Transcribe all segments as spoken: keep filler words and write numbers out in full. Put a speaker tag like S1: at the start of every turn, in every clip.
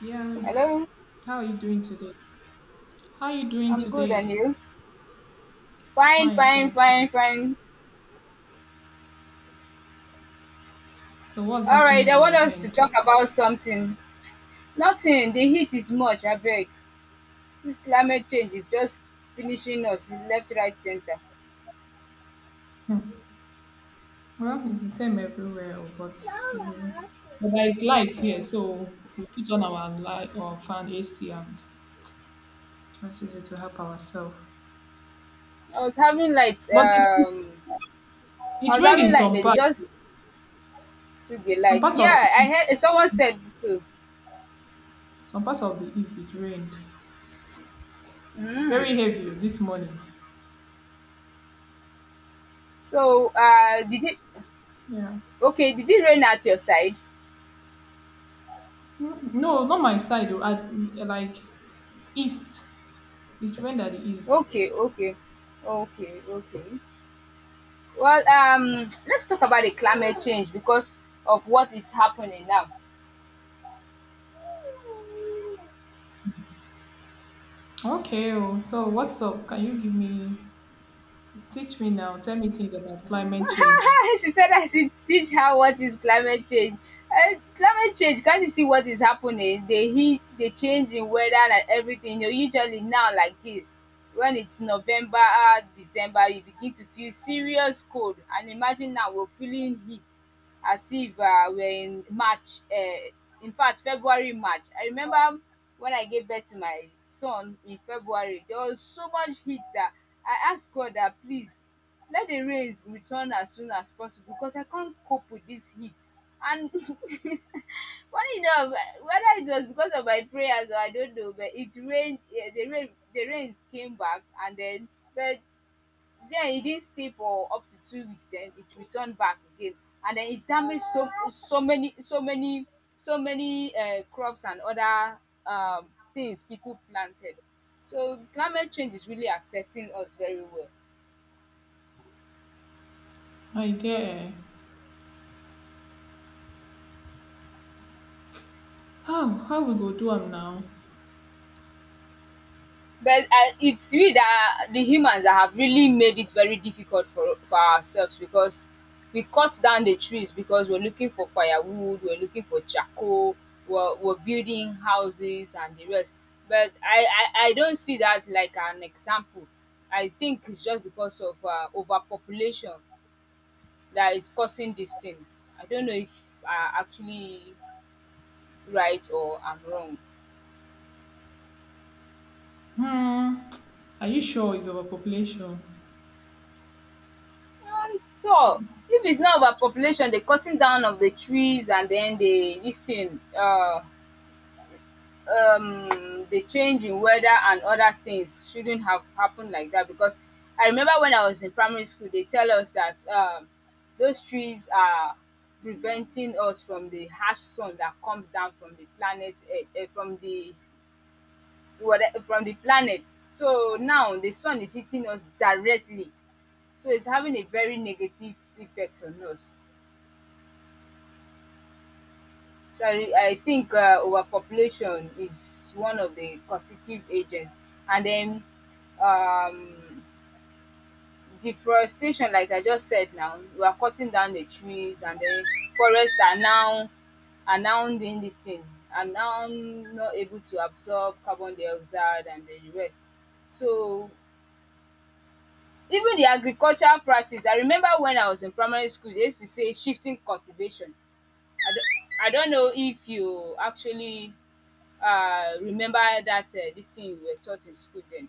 S1: Yeah.
S2: Hello,
S1: How are you doing today? How are you doing
S2: I'm good, and
S1: today?
S2: you? Fine,
S1: Fine,
S2: fine,
S1: thank you.
S2: fine, fine.
S1: So what's
S2: All right,
S1: happening
S2: I
S1: in
S2: want
S1: your
S2: us to
S1: end today?
S2: talk about something. Nothing, the heat is much, I beg. This climate change is just finishing us left, right, center.
S1: Hmm. Well, it's the same everywhere, oh, but you but there is light here, so we put on our light or fan A C and just use it to help ourselves.
S2: I was having light,
S1: But it,
S2: um, I
S1: it
S2: was
S1: rained
S2: having
S1: in
S2: light,
S1: some
S2: but they
S1: parts.
S2: just took the
S1: Some
S2: light.
S1: parts of the
S2: Yeah, I heard someone said so.
S1: some parts of the east it rained
S2: Mm.
S1: very heavy oh, this morning.
S2: So, uh, did it,
S1: Yeah.
S2: okay, did it rain at your side?
S1: Mm, no, not my side. Oh, I, like east. It rained at the east.
S2: Okay, okay, okay, okay. Well, um, let's talk about the climate change because of what is happening now.
S1: Okay, oh, so what's up? Can you give me, teach me now, tell me things about climate change.
S2: She said I should teach her what is climate change. Uh, climate change, can't you see what is happening? The heat, the change in weather and everything. You know, usually now like this, when it's November, uh, December, you begin to feel serious cold. And imagine now we're feeling heat as if uh, we're in March. Uh, in fact, February, March. I remember when I gave birth to my son in February, there was so much heat that I asked God that please let the rains return as soon as possible because I can't cope with this heat. And funny enough, whether it was because of my prayers or I don't know, but it rained. Yeah, the rain, the rains came back, and then but then it didn't stay for up to two weeks. Then it returned back again, and then it damaged so so many so many so many uh, crops and other um, things people planted. So climate change is really affecting us very well.
S1: My dear, how, how we go do am now?
S2: But uh, it's we that the humans that have really made it very difficult for, for ourselves because we cut down the trees because we're looking for firewood, we're looking for charcoal, we're, we're building houses and the rest. But I, I, I don't see that like an example. I think it's just because of uh, overpopulation that it's causing this thing. I don't know if I'm actually right or I'm wrong.
S1: Hmm, are you sure it's overpopulation?
S2: And tor If it's not overpopulation, the cutting down of the trees and then the this thing um um the change in weather and other things shouldn't have happened like that because I remember when I was in primary school they tell us that um those trees are preventing us from the harsh sun that comes down from the planet earth um from the whate from the planet. So now the sun is hitting us directly so it's having a very negative effect on us. So I I think uh, overpopulation is one of the causative agents, and then um, deforestation, like I just said. Now we are cutting down the trees, and then forests are now are now doing this thing, are now not able to absorb carbon dioxide and the rest. So even the agricultural practice, I remember when I was in primary school, they used to say shifting cultivation. I don't, I don't know if you actually uh, remember that uh, this thing you were taught in school then.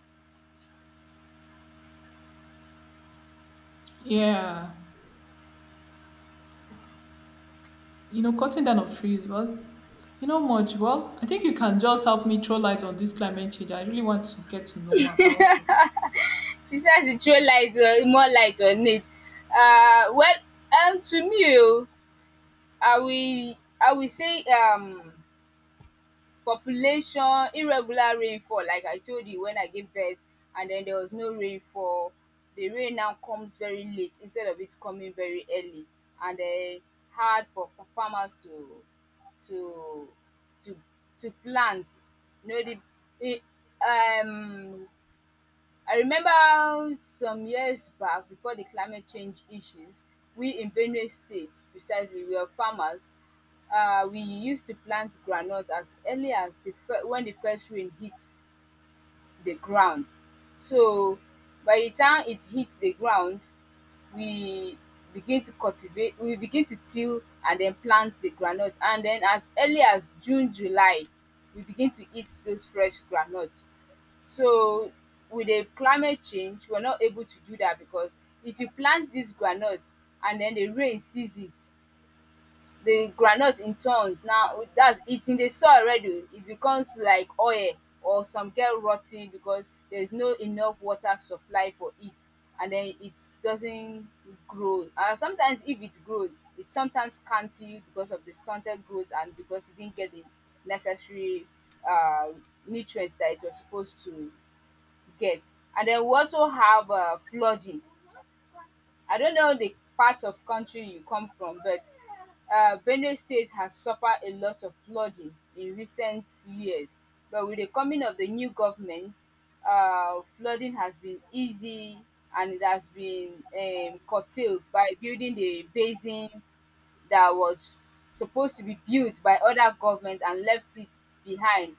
S1: Yeah, you know, cutting down of trees, well, you know much. Well, I think you can just help me throw light on this climate change. I really want to get to know more about it.
S2: She says, "You throw light uh, more light on it. Uh, well, um, to me, oh, I will I will say um population, irregular rainfall like I told you when I gave birth and then there was no rainfall. The rain now comes very late instead of it coming very early and then hard for for farmers to to to to plant. You know the the um I remember some years back before the climate change issues, we in Benue State precisely were farmers. Um we used to plant groundnut as early as the fir when the first rain hits the ground. So by the time it hits the ground, we begin to cultivate we begin to till and then plant the groundnut and then as early as June, July we begin to eat those fresh groundnut. So with the climate change we are not able to do that because if you plant this groundnut and then the rain ceases, the groundnut in tons. Now that's it's in the soil already, it becomes like oil or some get rotting because there's no enough water supply for it and then it doesn't grow. And sometimes if it grow, it's sometimes scanty because of the stunted growth and because it didn't get the necessary uh, nutrients that it was supposed to get. And then we also have uh, flooding. I don't know the part of country you come from, but uh, Benue State has suffered a lot of flooding in recent years. But with the coming of the new government, uh, flooding has been easy and it has been um, curtailed by building the basin that was supposed to be built by other governments and left it behind.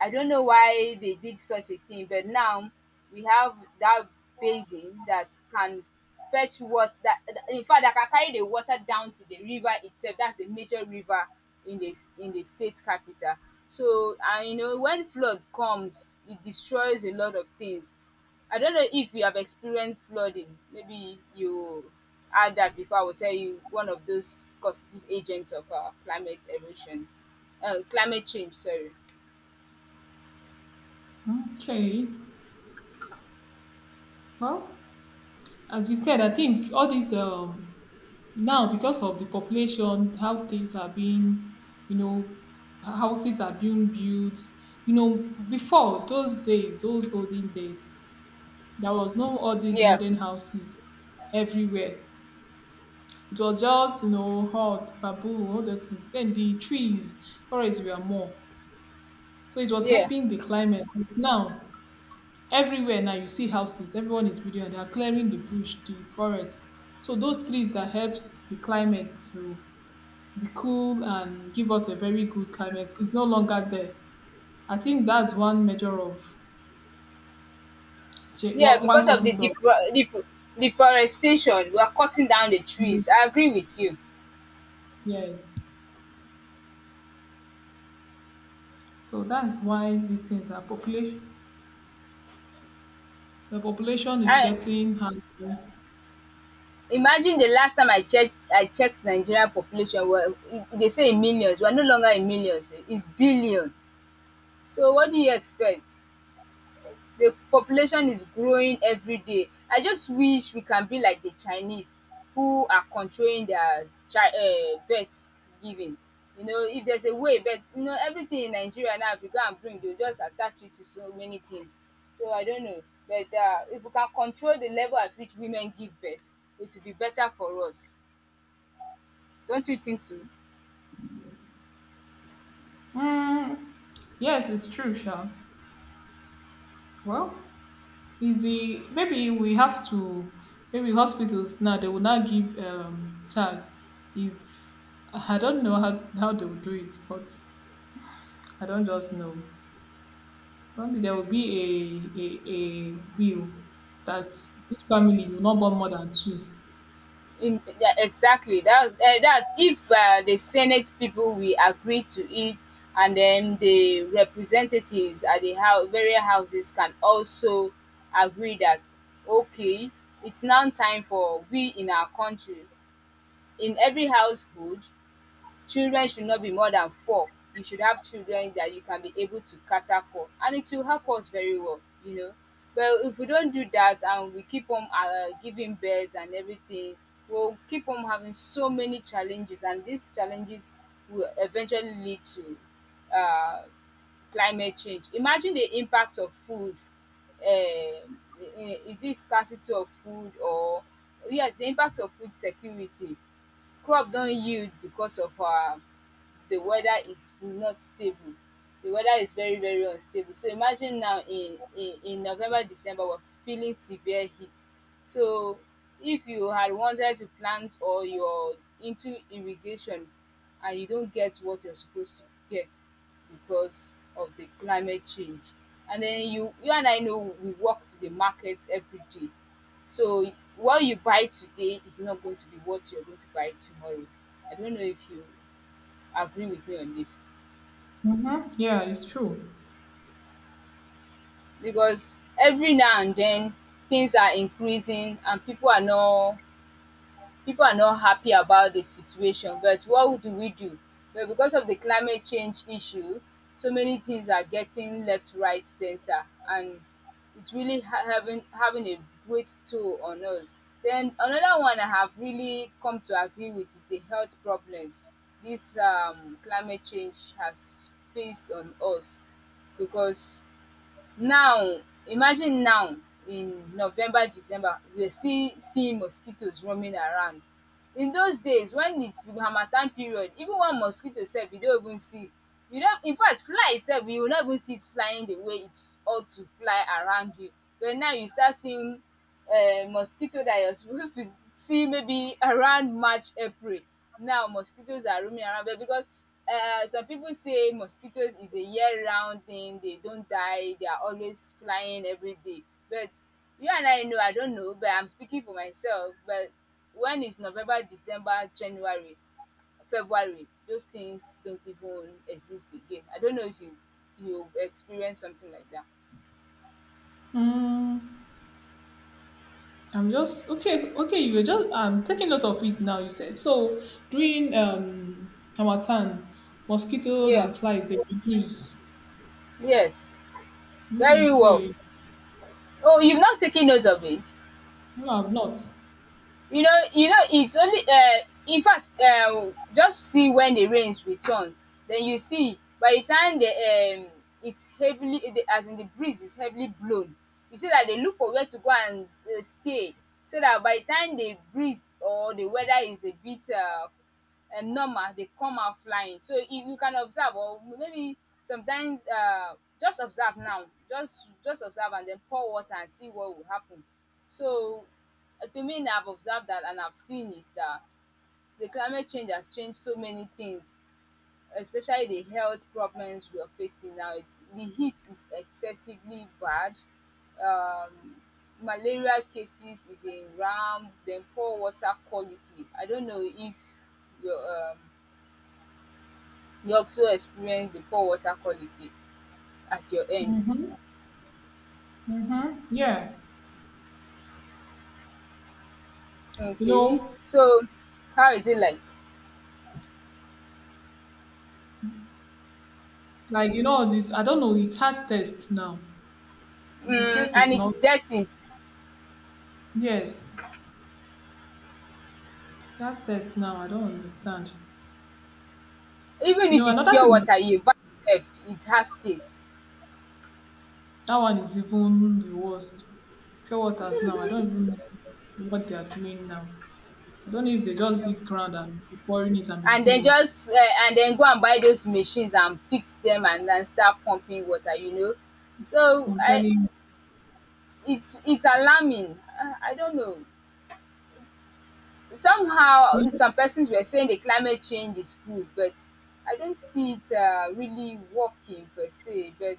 S2: I don't know why they did such a thing, but now we have that basin that can fetch wat that that- in fact that can carry the water down to the river itself, that's the major river in the s- in the state capital. So and you know when flood comes, it destroys a lot of things. I don't know if you have experienced flooding. Maybe you had that before. I will tell you one of those causative agents of uh, climate erosions, uh, climate change. Sorry.
S1: Okay, well, as you said, I think all these um now, because of the population, how things are being, you know houses are being built, you know before those days those olden days. There was no all these
S2: Yeah.
S1: modern houses everywhere. It was just you know hot bamboo, all those things. Then the trees forests were more, so it was
S2: Yeah,
S1: helping the climate. But now everywhere now you see houses, everyone is building and they are clearing the bush the forest. So those trees that helps the climate to be cool and give us a very good climate is no longer there. I think that's one measure of cha-
S2: yeah,
S1: one, one
S2: because of the
S1: causes of.
S2: defore defo deforestation, we are cutting down the trees. I agree with you.
S1: Yes. So that's why these things are population. The population is
S2: I
S1: getting hungry.
S2: imagine the last time I checked I checked Nigeria population well, e dey say in millions, we are no longer in millions, it's billion. So what do you expect? The population is growing every day. I just wish we can be like the Chinese who are controlling their chi um birth giving. You know, if there's a way but you know everything in Nigeria now if you go and bring they will just attach it to so many things. So I don't know but um if we can control the level at which women give birth it will be better for us. Don't you think so?
S1: Mm, yes, it's true, Sha. Well, is the maybe we have to maybe hospitals now they will not give um tag, if I don't know how how they will do it, but I don't just know. Probably there will be a, a, a bill that each family will not born more than two.
S2: In, yeah, exactly. That's uh, that's if uh, the Senate people will agree to it, and then the representatives at the house, various houses can also agree that okay, it's now time for we in our country, in every household, children should not be more than four. You should have children that you can be able to cater for, and it will help us very well, you know. But if we don't do that and we keep on uh, giving birth and everything, we'll keep on having so many challenges, and these challenges will eventually lead to uh, climate change. Imagine the impact of food. Uh, is it scarcity of food or yes, the impact of food security, crop don yield because of um the weather is not stable. The weather is very very unstable. So imagine now in in in November, December we're feeling severe heat. So if you had wanted to plant or you're into irrigation and you don't get what you're supposed to get because of the climate change. And then you you and I know we walk to the market every day. So what you buy today is not going to be what you're going to buy tomorrow. I don't know if you agree with me on this
S1: Mm-hmm. Yeah, it's true.
S2: because every now and then things are increasing and people are not people are not happy about the situation, but what do we do? But because of the climate change issue, so many things are getting left, right, center, and it's really ha- having having a great toll on us. Then another one I have really come to agree with is the health problems this um, climate change has faced on us because now imagine now in November, December we're still seeing mosquitoes roaming around. In those days when its harmattan period even one mosquito sef you no even see, you no infact fly sef you will not even see it flying the way it ought to fly around you. But now you start seeing um mosquito that you're supposed to see maybe around March, April. Now mosquitoes are roaming around but because um some people say mosquitoes is a year round thing they don't die they are always flying everyday. But you and I know, I don't know but I'm speaking for myself, but when it's November, December, January, February, those things don't even exist again. I don't know if you you've experienced something like that.
S1: Mm, I'm just okay. Okay, you were just I'm taking note of it now. You said so during um Hamatan, mosquitoes
S2: Yeah.
S1: and flies they reduce.
S2: Yes.
S1: Mm,
S2: Very well.
S1: okay,
S2: Oh, you've not taken note of it.
S1: no, I've not.
S2: You know, you know, it's only uh, in fact, um, just see when the rains returns, then you see by the time the um, it's heavily, the, as in the breeze is heavily blown, you see that they look for where to go and uh, stay so that by the time the breeze or the weather is a bit uh, uh, normal, they come out flying. So if you can observe, or maybe sometimes uh, just observe now, just just observe and then pour water and see what will happen. So Uh, to me I've observed that and I've seen it. Uh, the climate change has changed so many things, especially the health problems we're facing now. It's the heat is excessively bad. Um, Malaria cases is in ramp. Then poor water quality. I don't know if you um, you also experience the poor water quality at your end.
S1: Mm-hmm. Mm-hmm. Yeah, you
S2: Okay,
S1: know,
S2: so how is it like?
S1: like you know all this. I don't know. It has test now. The
S2: Mm,
S1: test
S2: and
S1: is
S2: it's
S1: not.
S2: dirty.
S1: Yes, that's test now. I don't understand.
S2: Even
S1: You
S2: if
S1: know,
S2: it's
S1: another
S2: pure
S1: thing, that
S2: water, you buy sef, it has taste.
S1: one is even the worst. Pure waters now. I don't even know what, what they are doing now. I don't know if they just
S2: Yeah.
S1: dig ground and be pouring it and be
S2: And then
S1: stealing.
S2: just um and then go and buy those machines and fix them and then start pumping water, you know. So
S1: I'm
S2: I
S1: telling
S2: it's it's alarming. I I don't know. Somehow
S1: you.
S2: some persons were saying the climate change is good, but I don't see it um really working per se, but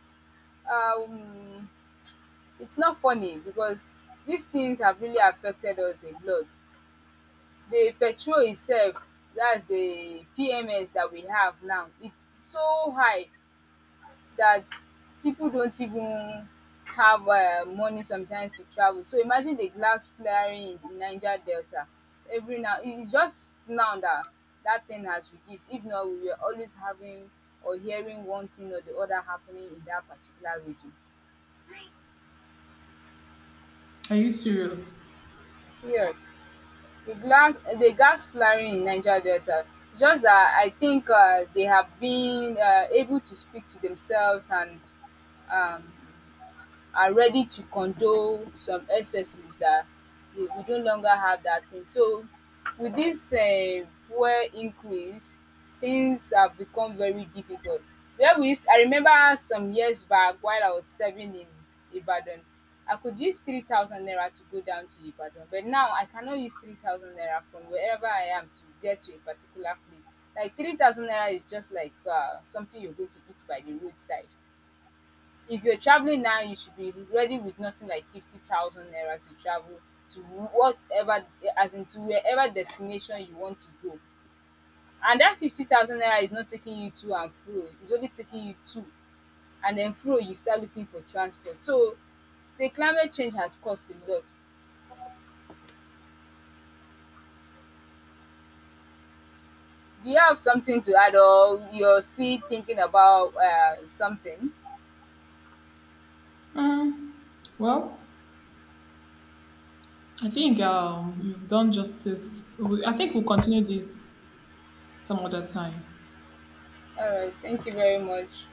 S2: um it's not funny because these things have really affected us a lot. The petrol itself, that's the P M S that we have now, it's so high that people don't even have uh, money sometimes to travel. So imagine the glass flaring in the Niger Delta. Every now, it is just now that that thing has reduced. If not, we were always having or hearing one thing or the other happening in that particular region.
S1: Are you serious?
S2: Yes. the glass the gas flaring in Niger Delta. Just that I think uh, they have been uh, able to speak to themselves and um, are ready to condone some excesses that we, we no longer have that thing. So with this um fuel increase, things have become very difficult. Where we used I remember some years back while I was serving in Ibadan, I could use three thousand naira to go down to Ibadan but now I cannot use three thousand naira from wherever I am to get to a particular place. Like three thousand naira is just like um something you're going to eat by the roadside. If you're traveling now, you should be ready with nothing like fifty thousand naira to travel to whatever, as in to wherever destination you want to go. And that fifty thousand naira is not taking you to and fro, it's only taking you to. And then fro, you start looking for transport. So the climate change has caused a lot. Do you have something to add, or you're still thinking about uh, something?
S1: Mm, well, I think um, you've done justice. We- I think we'll continue this some other time.
S2: All right, thank you very much.